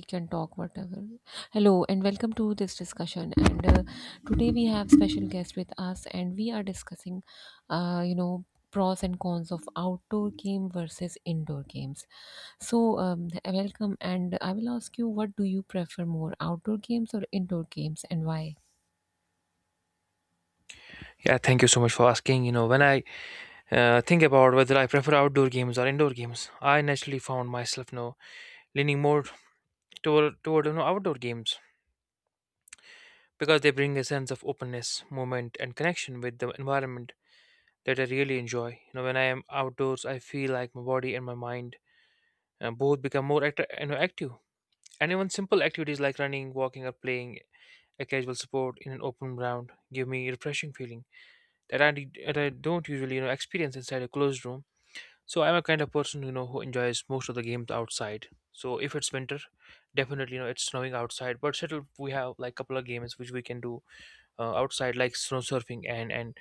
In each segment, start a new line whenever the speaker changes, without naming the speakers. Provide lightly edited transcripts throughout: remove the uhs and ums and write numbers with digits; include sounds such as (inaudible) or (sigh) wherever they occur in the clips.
We can talk whatever. Hello and welcome to this discussion. And today we have special guest with us, and we are discussing, uh, you know, pros and cons of outdoor game versus indoor games. So, welcome, and I will ask you, what do you prefer more, outdoor games or indoor games, and why?
Yeah, thank you so much for asking. You know, when I think about whether I prefer outdoor games or indoor games, I naturally found myself leaning more toward outdoor games, because they bring a sense of openness, movement, and connection with the environment that I really enjoy. You know, when I am outdoors, I feel like my body and my mind both become more active, and even simple activities like running, walking, or playing a casual sport in an open ground give me a refreshing feeling that that I don't usually experience inside a closed room. So I'm a kind of person, who enjoys most of the games outside. So if it's winter, definitely, it's snowing outside. But still, we have like couple of games which we can do outside, like snow surfing, and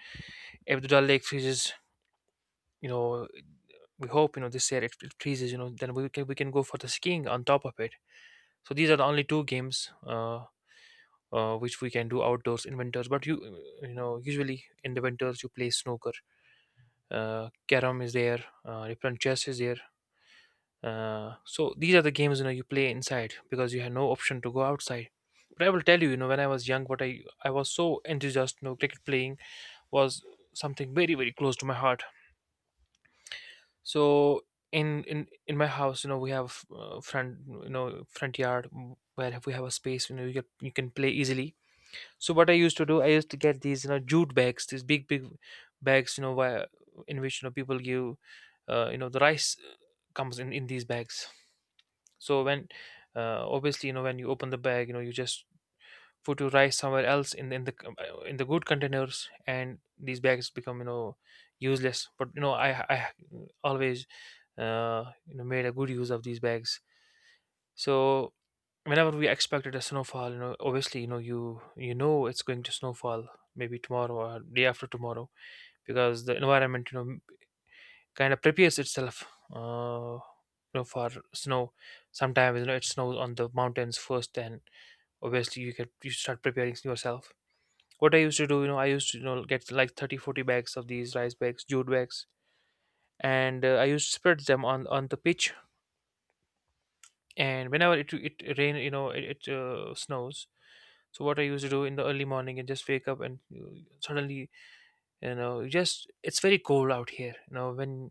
if the Dal Lake freezes, you know, we hope this year it freezes, then we can go for the skiing on top of it. So these are the only two games, which we can do outdoors in winters. But you know usually in the winters you play snooker, carom is there, different chess is there. So these are the games you play inside, because you have no option to go outside. But I will tell you, when I was young, what I was so enthusiastic, cricket playing was something very very close to my heart. So in my house, we have front you know front yard, where we have a space, you can play easily. So what I used to do, I used to get these jute bags, these big big bags, where in which people give, the rice comes in these bags. So when obviously when you open the bag, you just put your rice somewhere else in the good containers, and these bags become useless. But I always made a good use of these bags. So whenever we expected a snowfall, obviously it's going to snowfall maybe tomorrow or day after tomorrow, because the environment, kind of prepares itself, uh, for snow. Sometimes it snows on the mountains first, and obviously you start preparing yourself. What I used to do, I used to, get like 30, 40 bags of these rice bags, jute bags, and I used to spread them on the pitch. And whenever it rain you know it, it snows. So what I used to do, in the early morning, and just wake up, and suddenly, you just it's very cold out here, when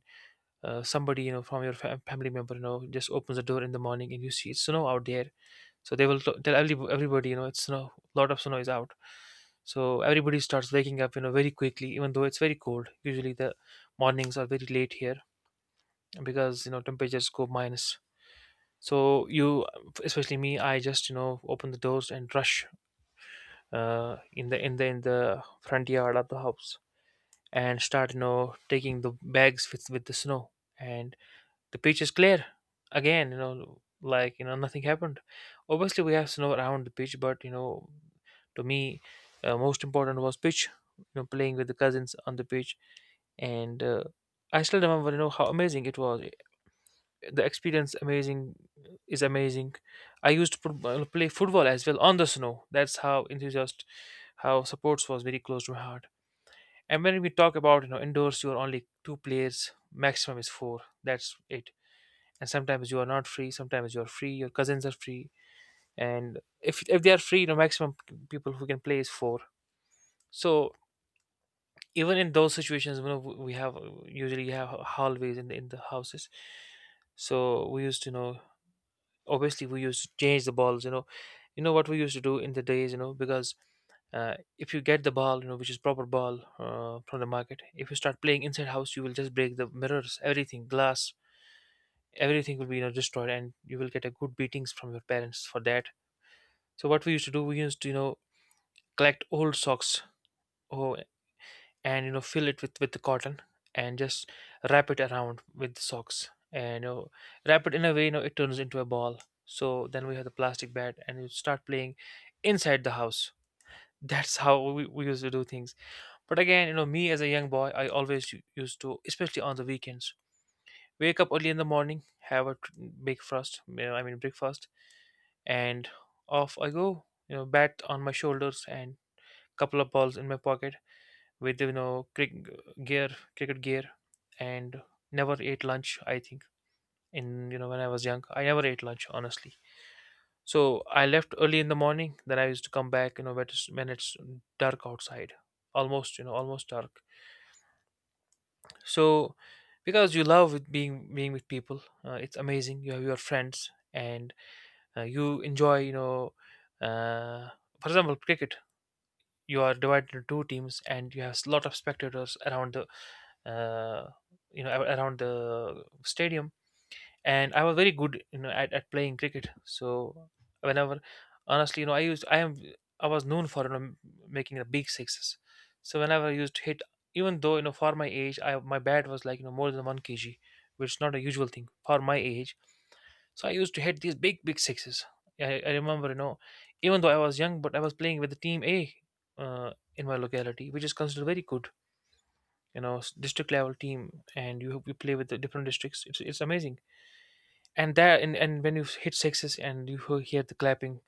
somebody, from your family member, just opens the door in the morning, and you see it's snow out there. So they will tell everybody, it's a lot of snow is out. So everybody starts waking up, very quickly, even though it's very cold. Usually the mornings are very late here, because, temperatures go minus. So especially me, I just, open the doors and rush in the front yard of the house, and start, taking the bags with the snow. And the pitch is clear again, like nothing happened. Obviously we have snow around the beach, but to me, most important was pitch, playing with the cousins on the pitch. And I still remember, how amazing it was. The experience, amazing, is amazing. I used to play football as well on the snow. That's how enthusiast, how sports was very close to my heart. And when we talk about, indoors, you are only two players, maximum is four, that's it. And sometimes you are not free, sometimes you are free, your cousins are free. And if they are free, maximum people who can play is four. So even in those situations, we have usually have hallways in the houses. So we used to, obviously we used to change the balls. What we used to do in the days, because, if you get the ball, which is proper ball, from the market, if you start playing inside house you will just break the mirrors, everything, glass. Everything will be, destroyed, and you will get a good beatings from your parents for that. So what we used to do, we used to, collect old socks. Oh. And fill it with the cotton, and just wrap it around with the socks, and wrap it in a way, it turns into a ball. So then we have the plastic bat and you start playing inside the house. (laughs) That's how we used to do things. But again, me as a young boy, I always used to, especially on the weekends, wake up early in the morning, have a big frost, I mean, breakfast, and off I go, bat on my shoulders, and couple of balls in my pocket, with crick gear, cricket gear. And never ate lunch, I think, in you know when I was young, I never ate lunch, honestly. So I left early in the morning, then I used to come back, when it's dark outside, almost, almost dark. So, because you love with being with people, it's amazing, you have your friends, and you enjoy, uh, for example cricket, you are divided into two teams, and you have a lot of spectators around the uh, you know a- around the stadium. And I was very good, at playing cricket. So whenever, honestly, I used I am I was known for, making the big sixes. So whenever I used to hit, even though, for my age, I my bat was like, more than 1 kg, which is not a usual thing for my age. So I used to hit these big big sixes. I remember, even though I was young, but I was playing with the team a in my locality, which is considered very good, district level team. And you play with the different districts, it's amazing. And when you hit sixes, and you hear the clapping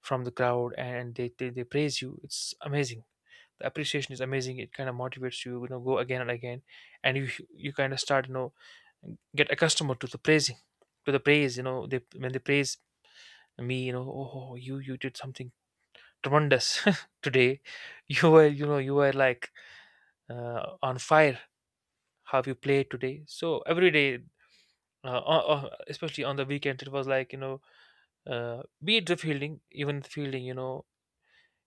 from the crowd, and they praise you, it's amazing. The appreciation is amazing, it kind of motivates you you know go again and again. And you kind of start, get accustomed to the praising, to the praise, they when they praise me, oh, oh, you did something tremendous (laughs) today. You were like on fire. How you played today. So every day, especially on the weekend, it was like, be it the fielding, even the fielding,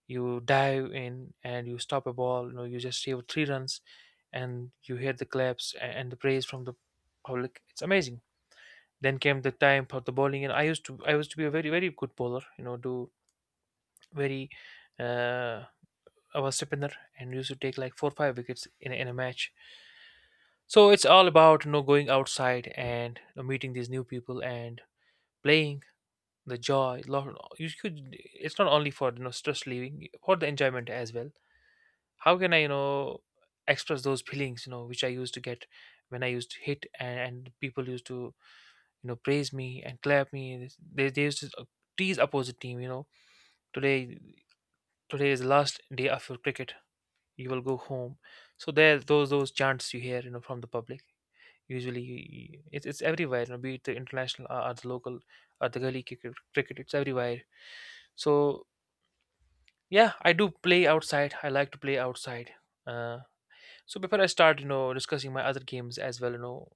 you dive in and you stop a ball, you just save three runs. And you hear the claps, and the praise from the public, it's amazing. Then came the time for the bowling, and I used to be a very very good bowler. You know do very uh I was spinner, and used to take like 4 or 5 wickets in a match. So it's all about, going outside, and, meeting these new people, and playing. The joy, lo- you could it's not only for, stress relieving, for the enjoyment as well. How can I express those feelings, which I used to get, when I used to hit, and people used to, praise me and clap me. They used to tease opposite team, today, today is the last day of your cricket, you will go home. So there those chants you hear, from the public. Usually, it's everywhere, be it the international, or the local, or the gully cricket, it's everywhere. So yeah, I do play outside. I like to play outside. Uh, so before I start, discussing my other games as well,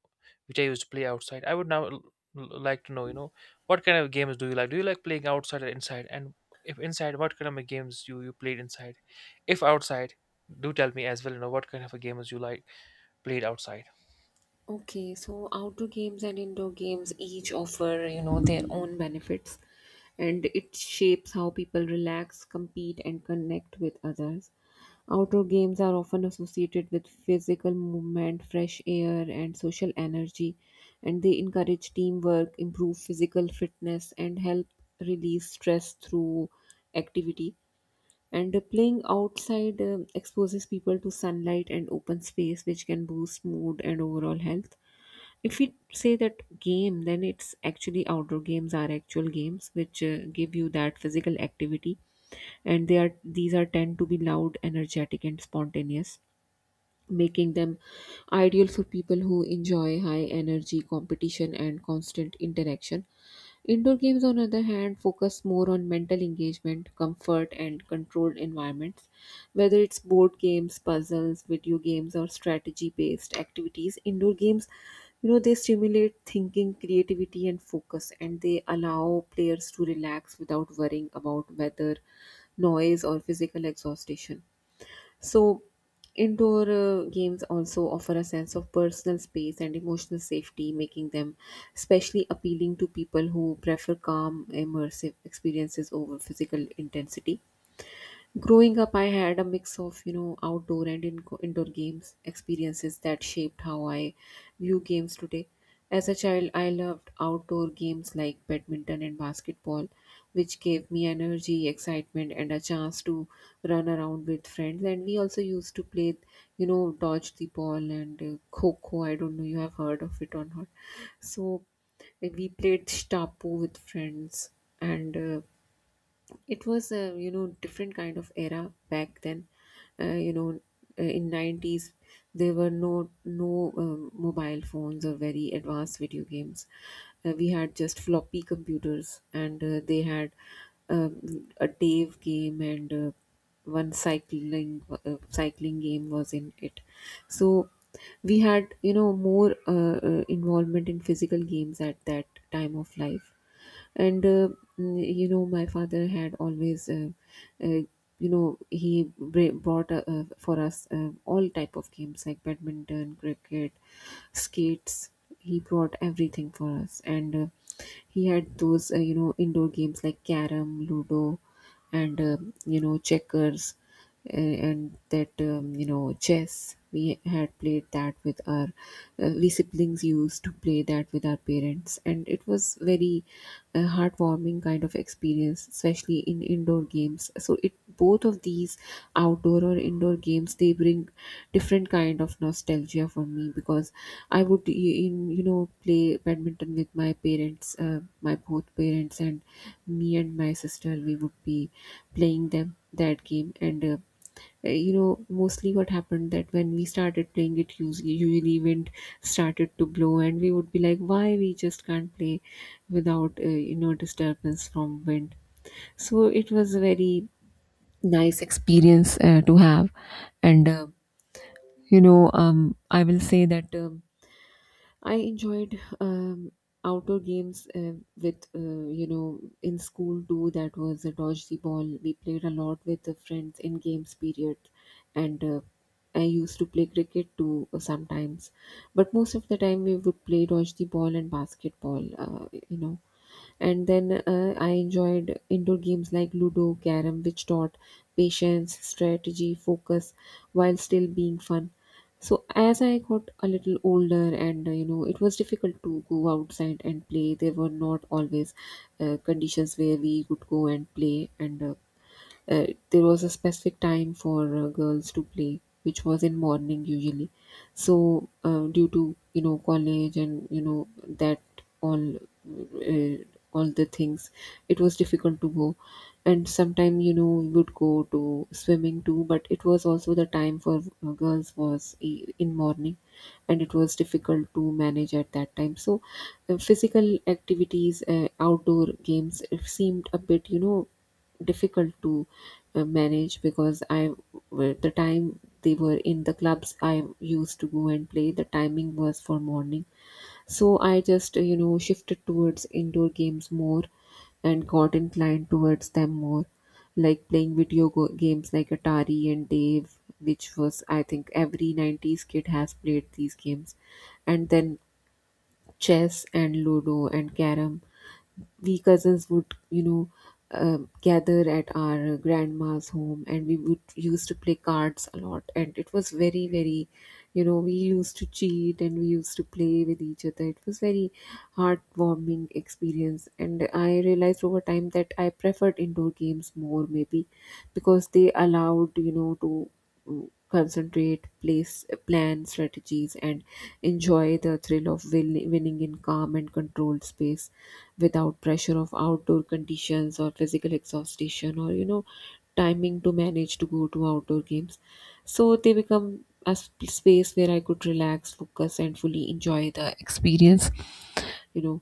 which I used to play outside, I would now like to know, what kind of games do you like? Do you like playing outside or inside? And if inside, what kind of games you played inside? If outside, do tell me as well, what kind of games you like played outside.
Okay, so outdoor games and indoor games each offer, you know, their own benefits, and it shapes how people relax, compete, and connect with others. Outdoor games are often associated with physical movement, fresh air, and social energy, and they encourage teamwork, improve physical fitness, and help release stress through activity. And playing outside exposes people to sunlight and open space, which can boost mood and overall health. If we say that game, then it's actually outdoor games are actual games which give you that physical activity, and they are these are tend to be loud, energetic, and spontaneous, making them ideal for people who enjoy high energy competition and constant interaction. Indoor games, on the other hand, focus more on mental engagement, comfort, and controlled environments. Whether it's board games, puzzles, video games, or strategy based activities, indoor games, you know, they stimulate thinking, creativity, and focus, and they allow players to relax without worrying about weather, noise, or physical exhaustion. So, indoor games also offer a sense of personal space and emotional safety, making them especially appealing to people who prefer calm, immersive experiences over physical intensity. Growing up, I had a mix of, you know, outdoor and indoor games experiences that shaped how I view games today. As a child, I loved outdoor games like badminton and basketball, which gave me energy, excitement, and a chance to run around with friends. And we also used to play, you know, dodge the ball and kho. I don't know you have heard of it or not. So we played Shtapu with friends, and it was a different kind of era back then, uh, you know in 90s. There were no mobile phones or very advanced video games. We had just floppy computers, and they had a dave game, and one cycling game was in it. So we had, more involvement in physical games at that time of life. And mm, you know My father had always uh, brought for us all type of games like badminton, cricket, skates. He brought everything for us, and he had those indoor games like carom, ludo, and checkers. And that, chess, we had played that with our, we siblings used to play that with our parents, and it was very a heartwarming kind of experience, especially in indoor games. So, it both of these outdoor or indoor games, they bring different kind of nostalgia for me, because I would y- in you know play badminton with my parents, my both parents and me and my sister. We would be playing them that game. And mostly what happened, that when we started playing it, usually wind started to blow, and we would be like, why we just can't play without, disturbance from wind. So it was a very nice experience to have. And I will say that, I enjoyed outdoor games with, in school too. That was a dodge the ball. We played a lot with the friends in games period, and I used to play cricket too, sometimes. But most of the time, we would play dodge the ball and basketball. And then I enjoyed indoor games like ludo, carom, which taught patience, strategy, focus, while still being fun. So as I got a little older, and it was difficult to go outside and play. There were not always conditions where we could go and play, and there was a specific time for girls to play, which was in morning usually. So due to, college and, that, all uh, all the things, it was difficult to go. And sometime, we would go to swimming too, but it was also the time for, girls was in morning, and it was difficult to manage at that time. So physical activities, outdoor games, it seemed a bit, difficult to manage, because I, well, the time they were in the clubs, I used to go and play, the timing was for morning. So I just shifted towards indoor games more, and got inclined towards them more, like playing video games like Atari and Dave, which was, I think, every 90s kid has played these games. And then chess and ludo and carom, we cousins would, gather at our grandma's home, and we would used to play cards a lot, and it was very very, we used to cheat, and we used to play with each other. It was very heartwarming experience, and I realized over time that I preferred indoor games more, maybe because they allowed, to concentrate, place, plan strategies, and enjoy the thrill of winning in calm and controlled space, without pressure of outdoor conditions or physical exhaustion, or timing to manage to go to outdoor games. So they become a space where I could relax, focus, and fully enjoy the experience. you know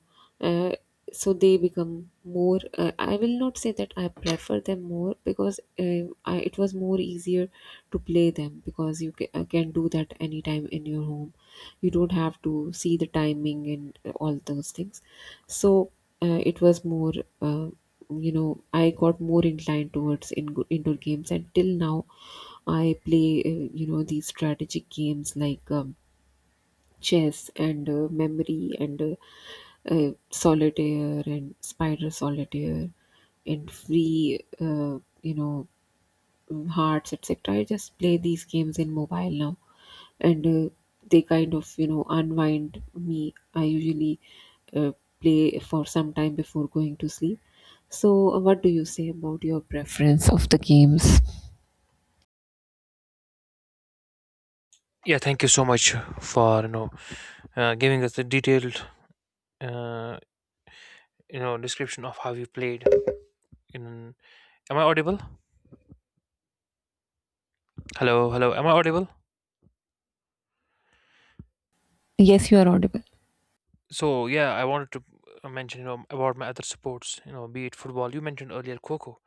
uh, so they become more. I will not say that I prefer them more, because I, it was more easier to play them, because you can do that anytime in your home. You don't have to see the timing, and all those things. So it was more, uh, I got more inclined towards indoor games, and till now I play, these strategic games like, chess, and memory, and solitaire and spider solitaire, and free, hearts, etc. I just play these games in mobile now, and they kind of, unwind me. I usually uh, play for some time before going to sleep. So what do you say about your preference of the games?
Yeah, thank you so much for giving us the detailed uh, description of how you played. In am I audible? Hello, hello. Am I audible?
Yes, you are audible.
So yeah, I wanted to mention about my other sports, you know, be it football. You mentioned earlier Coco.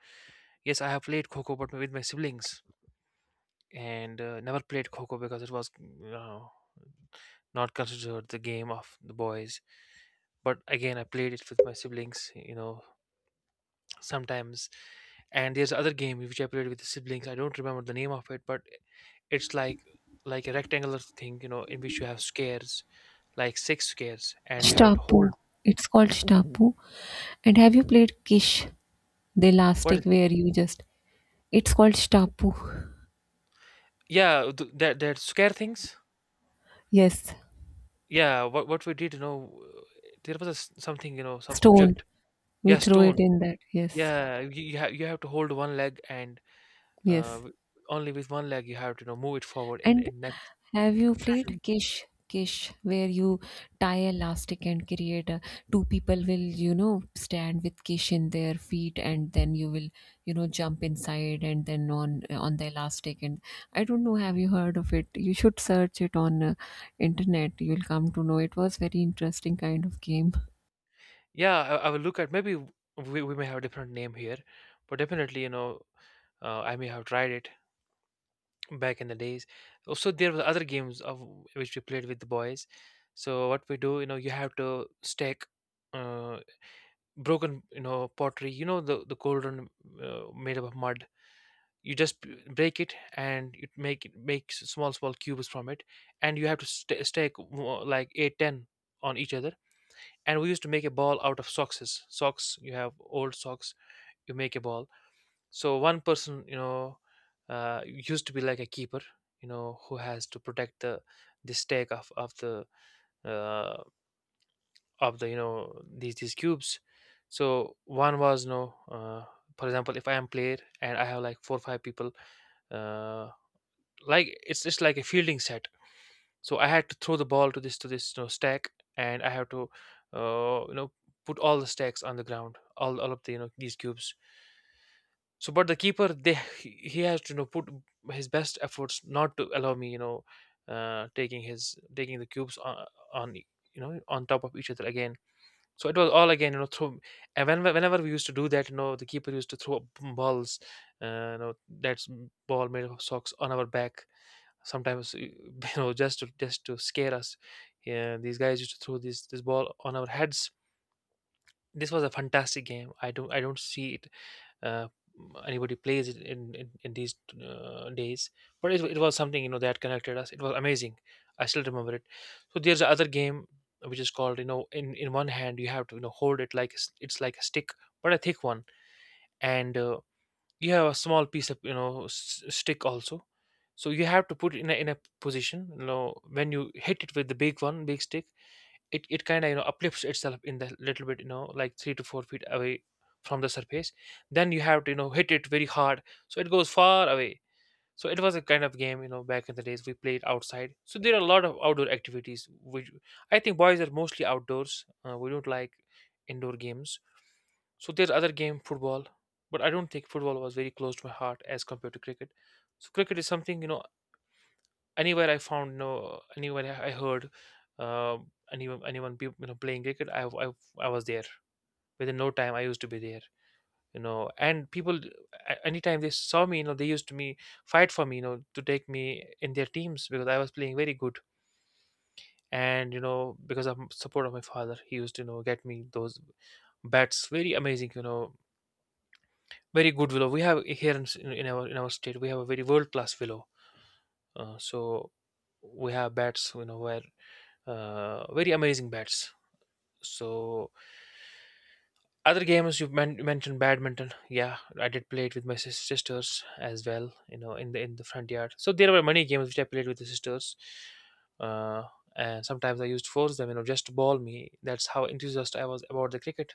Yes, I have played Coco, but with my siblings, and never played Coco because it was you know, not considered the game of the boys. But again, I played it with my siblings, you know, sometimes. And there's other game which I played with the siblings. I don't remember the name of it, but it's like a rectangular thing, you know, in which you have squares, like six squares, and you have to hold.
Shtapu. It's called Shtapu. And have you played Kish? The
What is
elastic where you just — it's called stapu.
yeah, that square things.
Yes.
Yeah, what we did, you know, there was a s something, you know, some
Stone,
object.
we
Yeah,
throw it
stone.
in that. Yes.
Yeah, you have to hold one leg and uh,
Yes.
w- only with one leg you have to, you know, move it forward in
And
next.
have you
(laughs)
played
Mhm.
kish kish where you tie elastic and create a — two people will, you know, stand with kish in their feet, and then you will, you know, jump inside and then on the elastic. And I don't know, have you heard of it? You should search it on, internet. You'll come to know, it was very interesting kind of game.
Yeah, I will look at we may have a different name here, but definitely, you know, I may have tried it back in the days. Also, there were other games of which we played with the boys. So what we do, you know, you have to stack uh, broken, you know, pottery. You know, the cauldron made up of mud. You just break it and you make it makes small small cubes from it, and you have to stake like 8, 10 on each other. And we used to make a ball out of socks. You have old socks, you make a ball. So one person, you know, used to be like a keeper, you know, who has to protect the stake of the uh, of the you know these cubes. So one was no for example if I am player and I have like four or five people, uh, like it's just like a fielding set. So I had to throw the ball to this you know, stack, and I have to uh, you know put all the stacks on the ground, all of the you know these cubes. So, but the keeper, they he has to you know put his best efforts not to allow me you know taking the cubes on, on e- you know on top of each other again. So it was all again you know throw, and whenever we used to do that, you know, the keeper used to throw balls, that's ball made of socks on our back sometimes, you (laughs) know, just to scare us. Yeah, these guys used to throw this ball on our heads. This was a fantastic game. I don't see it uh, anybody plays it in these days, but it was something you know that connected us. It was amazing, I still remember it. So there's another game which is called you know in one hand you have to you know hold it like a it's like a stick, but a thick one. And you have a small piece of you know stick also. So you have to put it in in a position you know, when you hit it with the big one big stick, it kind of you know uplifts itself in the little bit you know like 3 to 4 feet away from the surface. Then you have to you know hit it very hard so it goes far away. So it was a kind of game you know back in the days we played outside. So there are a lot of outdoor activities which I think boys are mostly outdoors. We don't like indoor games. So there's other game, football, but I don't think football was very close to my heart as compared to cricket. So cricket is something you know anywhere I found, no anywhere I heard, uh, anyone you know playing cricket, I was there within no time. I used to be there, you know, and people anytime they saw me, you know, they used to me fight for me, you know, to take me in their teams because I was playing very good. And you know because of support of my father, he used to you know get me those bats, very amazing, you know, very good willow. We have here in our in our state we have a very world class willow. So we have bats, you know, where very amazing bats. So other games you mentioned badminton. Yeah, I did play it with my sisters as well. You know, in the front yard. So there were many games which I played with the sisters. Uh, and sometimes I used to force them, you know, just to ball me. That's how enthusiastic I was about the cricket.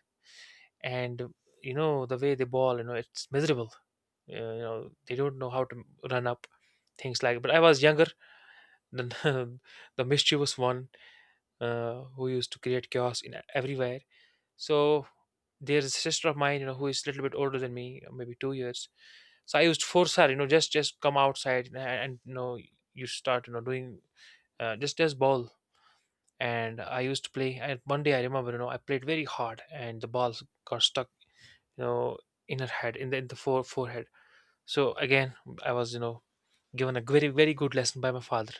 And you know the way they ball, you know, it's miserable, you know, they don't know how to run up things like. But I was younger than (laughs) the mischievous one, who used to create chaos in everywhere. So there's a sister of mine you know who is a little bit older than me, maybe 2 years. So I used to force her, you know, just come outside and you know you start you know doing just ball. And I used to play, and one day I remember you know I played very hard and the balls got stuck, you know, in her head, in the forehead. So again I was you know given a very very good lesson by my father.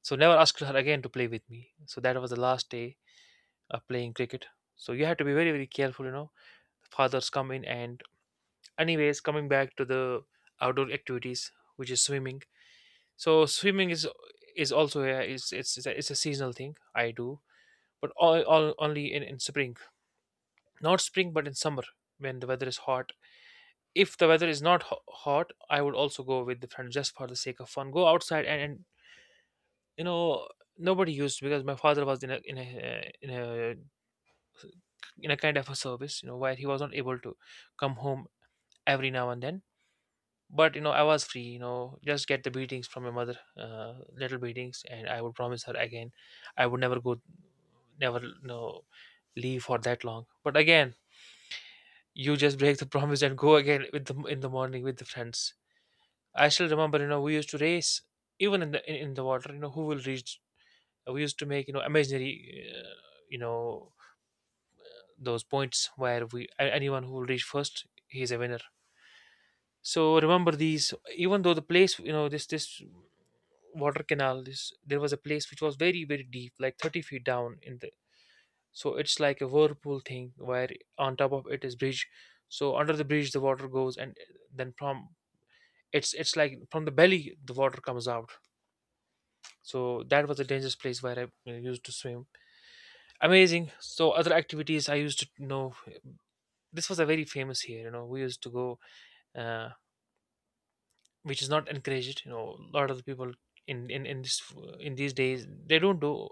So never asked her again to play with me. So that was the last day of playing cricket. So you have to be very very careful. You know, fathers come in, and anyways coming back to the outdoor activities, which is swimming. So swimming is is it's it's a seasonal thing I do, but all only in spring, not spring but in summer when the weather is hot. If the weather is not hot, I would also go with the friend just for the sake of fun. Go outside and you know nobody used to because my father was in a kind of a service you know where he was not able to come home every now and then. But you know I was free, you know, just get the beatings from my mother, little beatings, and I would promise her again I would never go, never you know leave for that long. But again you just break the (laughs) promise and go again with the in the morning with the friends. I still remember you know we used to race even in the in the water, you know, who will reach. We used to make you know imaginary uh, you know those points where we anyone who will reach first, he's a winner. So remember these. Even though the place, you know, this water canal, this there was a place which was very very deep, like 30 feet down in the. So it's like a whirlpool thing where on top of it is bridge. So under the bridge the water goes, and then from it's like from the belly the water comes out. So that was a dangerous place where I used to swim. Amazing. So other activities I used to you know. This was a very famous here. You know, we used to go uh, which is not encouraged, you know, a lot of the people in this in these days they don't do,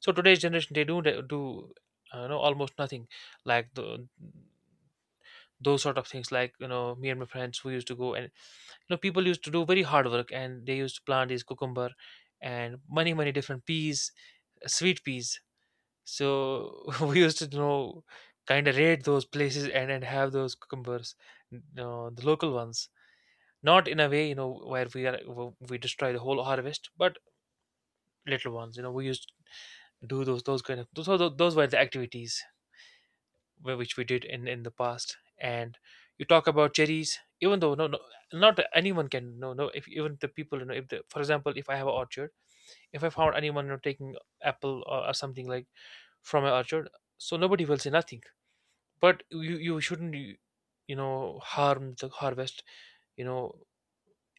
so today's generation they don't do not do you know, almost nothing, like those sort of things. Like, you know, me and my friends who used to go and, you know, people used to do very hard work and they used to plant these cucumber and many many different peas, sweet peas. So (laughs) we used to, you know, kind of raid those places and have those cucumbers, you know, the local ones. Not in a way, you know, where we are we destroy the whole harvest, but little ones, you know, we used to do those kind of those were the activities which we did in the past. And you talk about cherries, even though no, no, not anyone can. No, no, if even the people, you know, if the, for example, if I have an orchard, if I found anyone, you know, taking apple, or something like, from an orchard, so nobody will say nothing. But you shouldn't you know, harm the harvest, you know,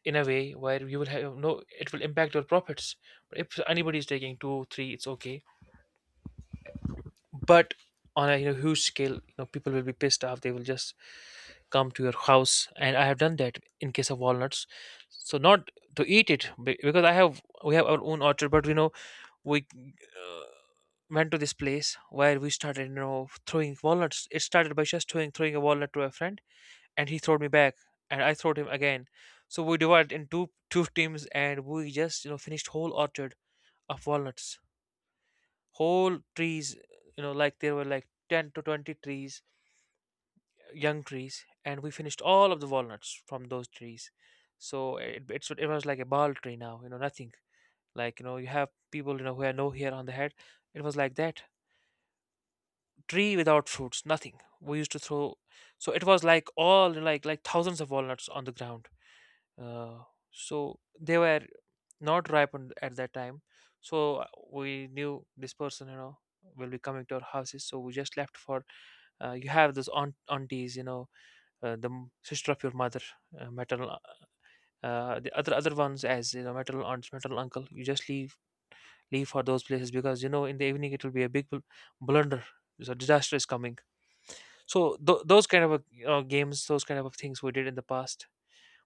in a way where you will have no, it will impact your profits. But if anybody is taking 2 3, it's okay. But on a, you know, huge scale, you know, people will be pissed off. They will just come to your house, and I have done that in case of walnuts. So not to eat it, because I have we have our own orchard, but, you know, we uh, went to this place where we started, you know, throwing walnuts. It started by just throwing a walnut to a friend, and he throwed me back, and I throwed him again. So we divided in two teams and we just, you know, finished whole orchard of walnuts, whole trees. You know, like there were like 10 to 20 trees, young trees, and we finished all of the walnuts from those trees. So it was like a ball tree now. You know, nothing, like, you know, you have people, you know, who have no hair on the head. It was like that, tree without fruits, nothing. We used to throw, so it was like all like thousands of walnuts on the ground. uh, so they were not ripened at that time. So we knew this person, you know, will be coming to our houses, so we just left for, you have those aunties, you know, sister of your mother, maternal, the other ones, as you know, maternal aunts, maternal uncle. You just leave for those places, because you know in the evening it will be a big blunder. So disaster is coming. So those kind of you know, games, those kind of things we did in the past.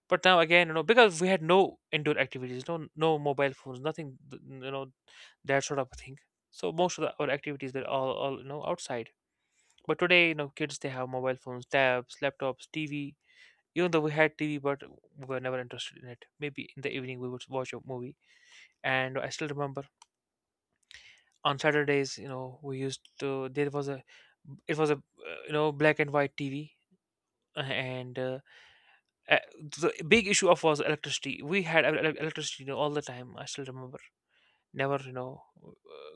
But now again, you know, because we had no indoor activities, no no mobile phones, nothing, you know, that sort of a thing. So most of the, our activities were all you know, outside. But today, you know, kids, they have mobile phones, tabs, laptops, TV. Even though we had TV, but we were never interested in it. Maybe in the evening we would watch a movie. And I still remember, on Saturdays, you know, we used to, there was a, it was a you know, black and white TV, and the big issue of was electricity. We had electricity, you know, all the time. I still remember. Never, you know,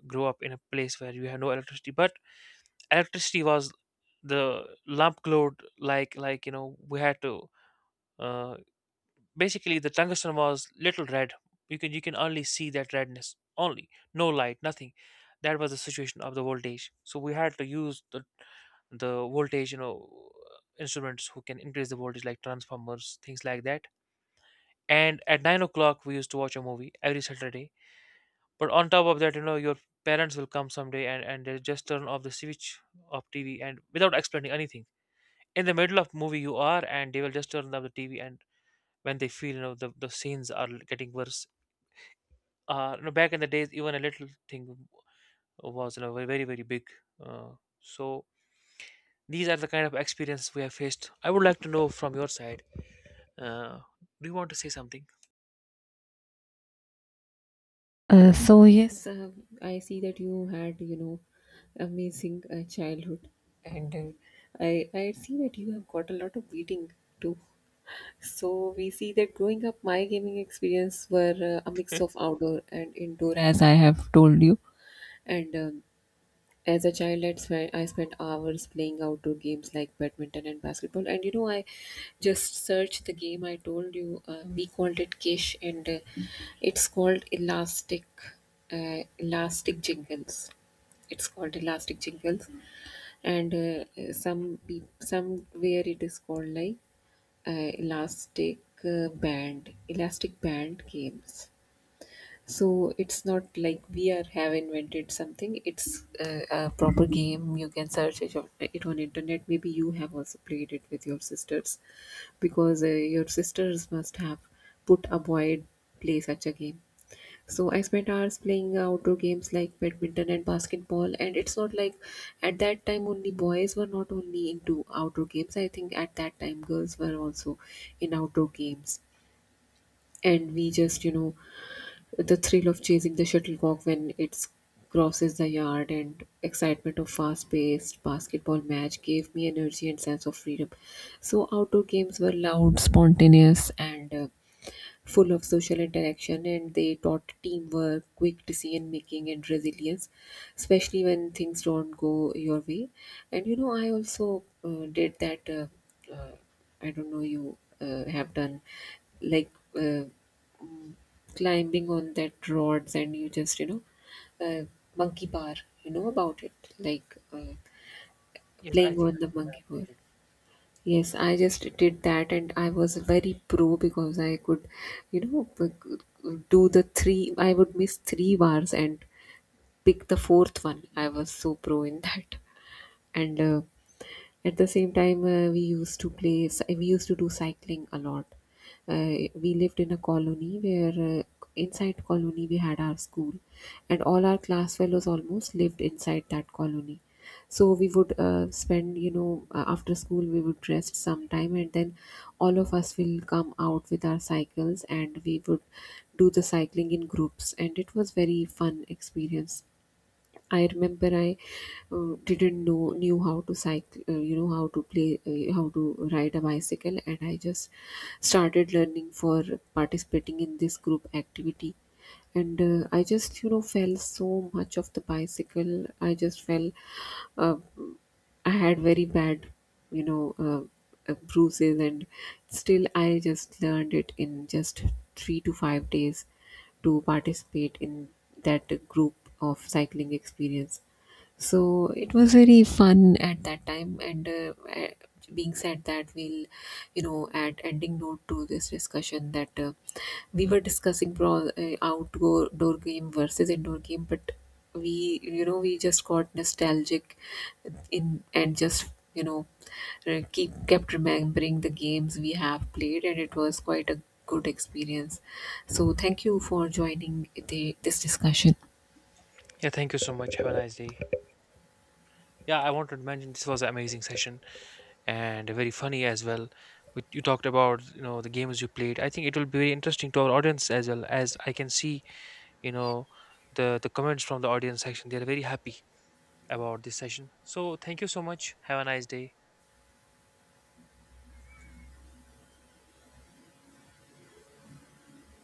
grew up in a place where you have no electricity. But electricity was, the lamp glowed, like you know, we had to. Uh, Basically, the tungsten was little red. You can only see that redness only. No light, nothing. That was the situation of the voltage. So we had to use the voltage, you know, instruments who can increase the voltage, like transformers, things like that. And at 9 o'clock we used to watch a movie every Saturday. But on top of that, you know, your parents will come someday and they just turn off the switch of TV, and without explaining anything, in the middle of movie you are, and they will just turn off the TV. And when they feel, you know, the scenes are getting worse, uh, you know, back in the days even a little thing was, you know, very very big. uh, so these are the kind of experiences we have faced. I would like to know from your side, uh, do you want to say something?
So yes, I see that you had, amazing childhood, and I see that you have got a lot of beating too. So we see that growing up, my gaming experience were a mix of outdoor and indoor, as I have told you, and as a child, I spent hours playing outdoor games like badminton and basketball. And you know, I just searched the game I told you. We called it Kish, and it's called Elastic, Elastic Jingles. It's called Elastic Jingles, and somewhere it is called like, Elastic, Band, Elastic Band Games. So it's not like we are have invented something. It's a proper game. You can search it on, it on internet. Maybe you have also played it with your sisters, because your sisters must have put a boy play such a game. So I spent hours playing outdoor games like badminton and basketball. And it's not like at that time only boys were not only into outdoor games. I think at that time girls were also in outdoor games, and we just, the thrill of chasing the shuttlecock when it crosses the yard, and excitement of fast-paced basketball match gave me energy and sense of freedom. So outdoor games were loud, spontaneous, and full of social interaction, and they taught teamwork, quick decision making, and resilience, especially when things don't go your way. And you know, I also did that. Uh, I don't know, you have done like, uh, mm, climbing on that rods, and you just, you know, uh, monkey bar, you know about it, like
(laughs) Yes, I
playing
think
on
I
the monkey
played
bar.
it.
Yes, I just did that, and I was very pro because I could, you know, do the three. I would miss three bars and pick the fourth one. I was so pro in that, and at the same time, we used to play. We used to do cycling a lot. Uh, we lived in a colony where, inside colony, we had our school, and all our class fellows almost lived inside that colony. So we would spend, after school we would rest sometime, and then all of us will come out with our cycles, and we would do the cycling in groups, and it was very fun experience. I remember I didn't know knew how to cycle, how to play, how to ride a bicycle, and I just started learning for participating in this group activity. And I just, fell so much of the bicycle. I just fell. Uh, I had very bad, bruises, and still I just learned it in just 3 to 5 days to participate in that group of cycling experience. So it was very fun at that time. And being said that, we'll, add ending note to this discussion, that we were discussing outdoor door game versus indoor game, but we just got nostalgic in and just, keep kept remembering the games we have played, and it was quite a good experience. So thank you for joining this discussion.
Yeah, thank you so much, have a nice day. Yeah, I wanted to mention, this was an amazing session and very funny as well. You talked about, you know, the games you played. I think it will be very interesting to our audience, as well as I can see, you know, the comments from the audience section. They are very happy about this session. So thank you so much. Have a nice day.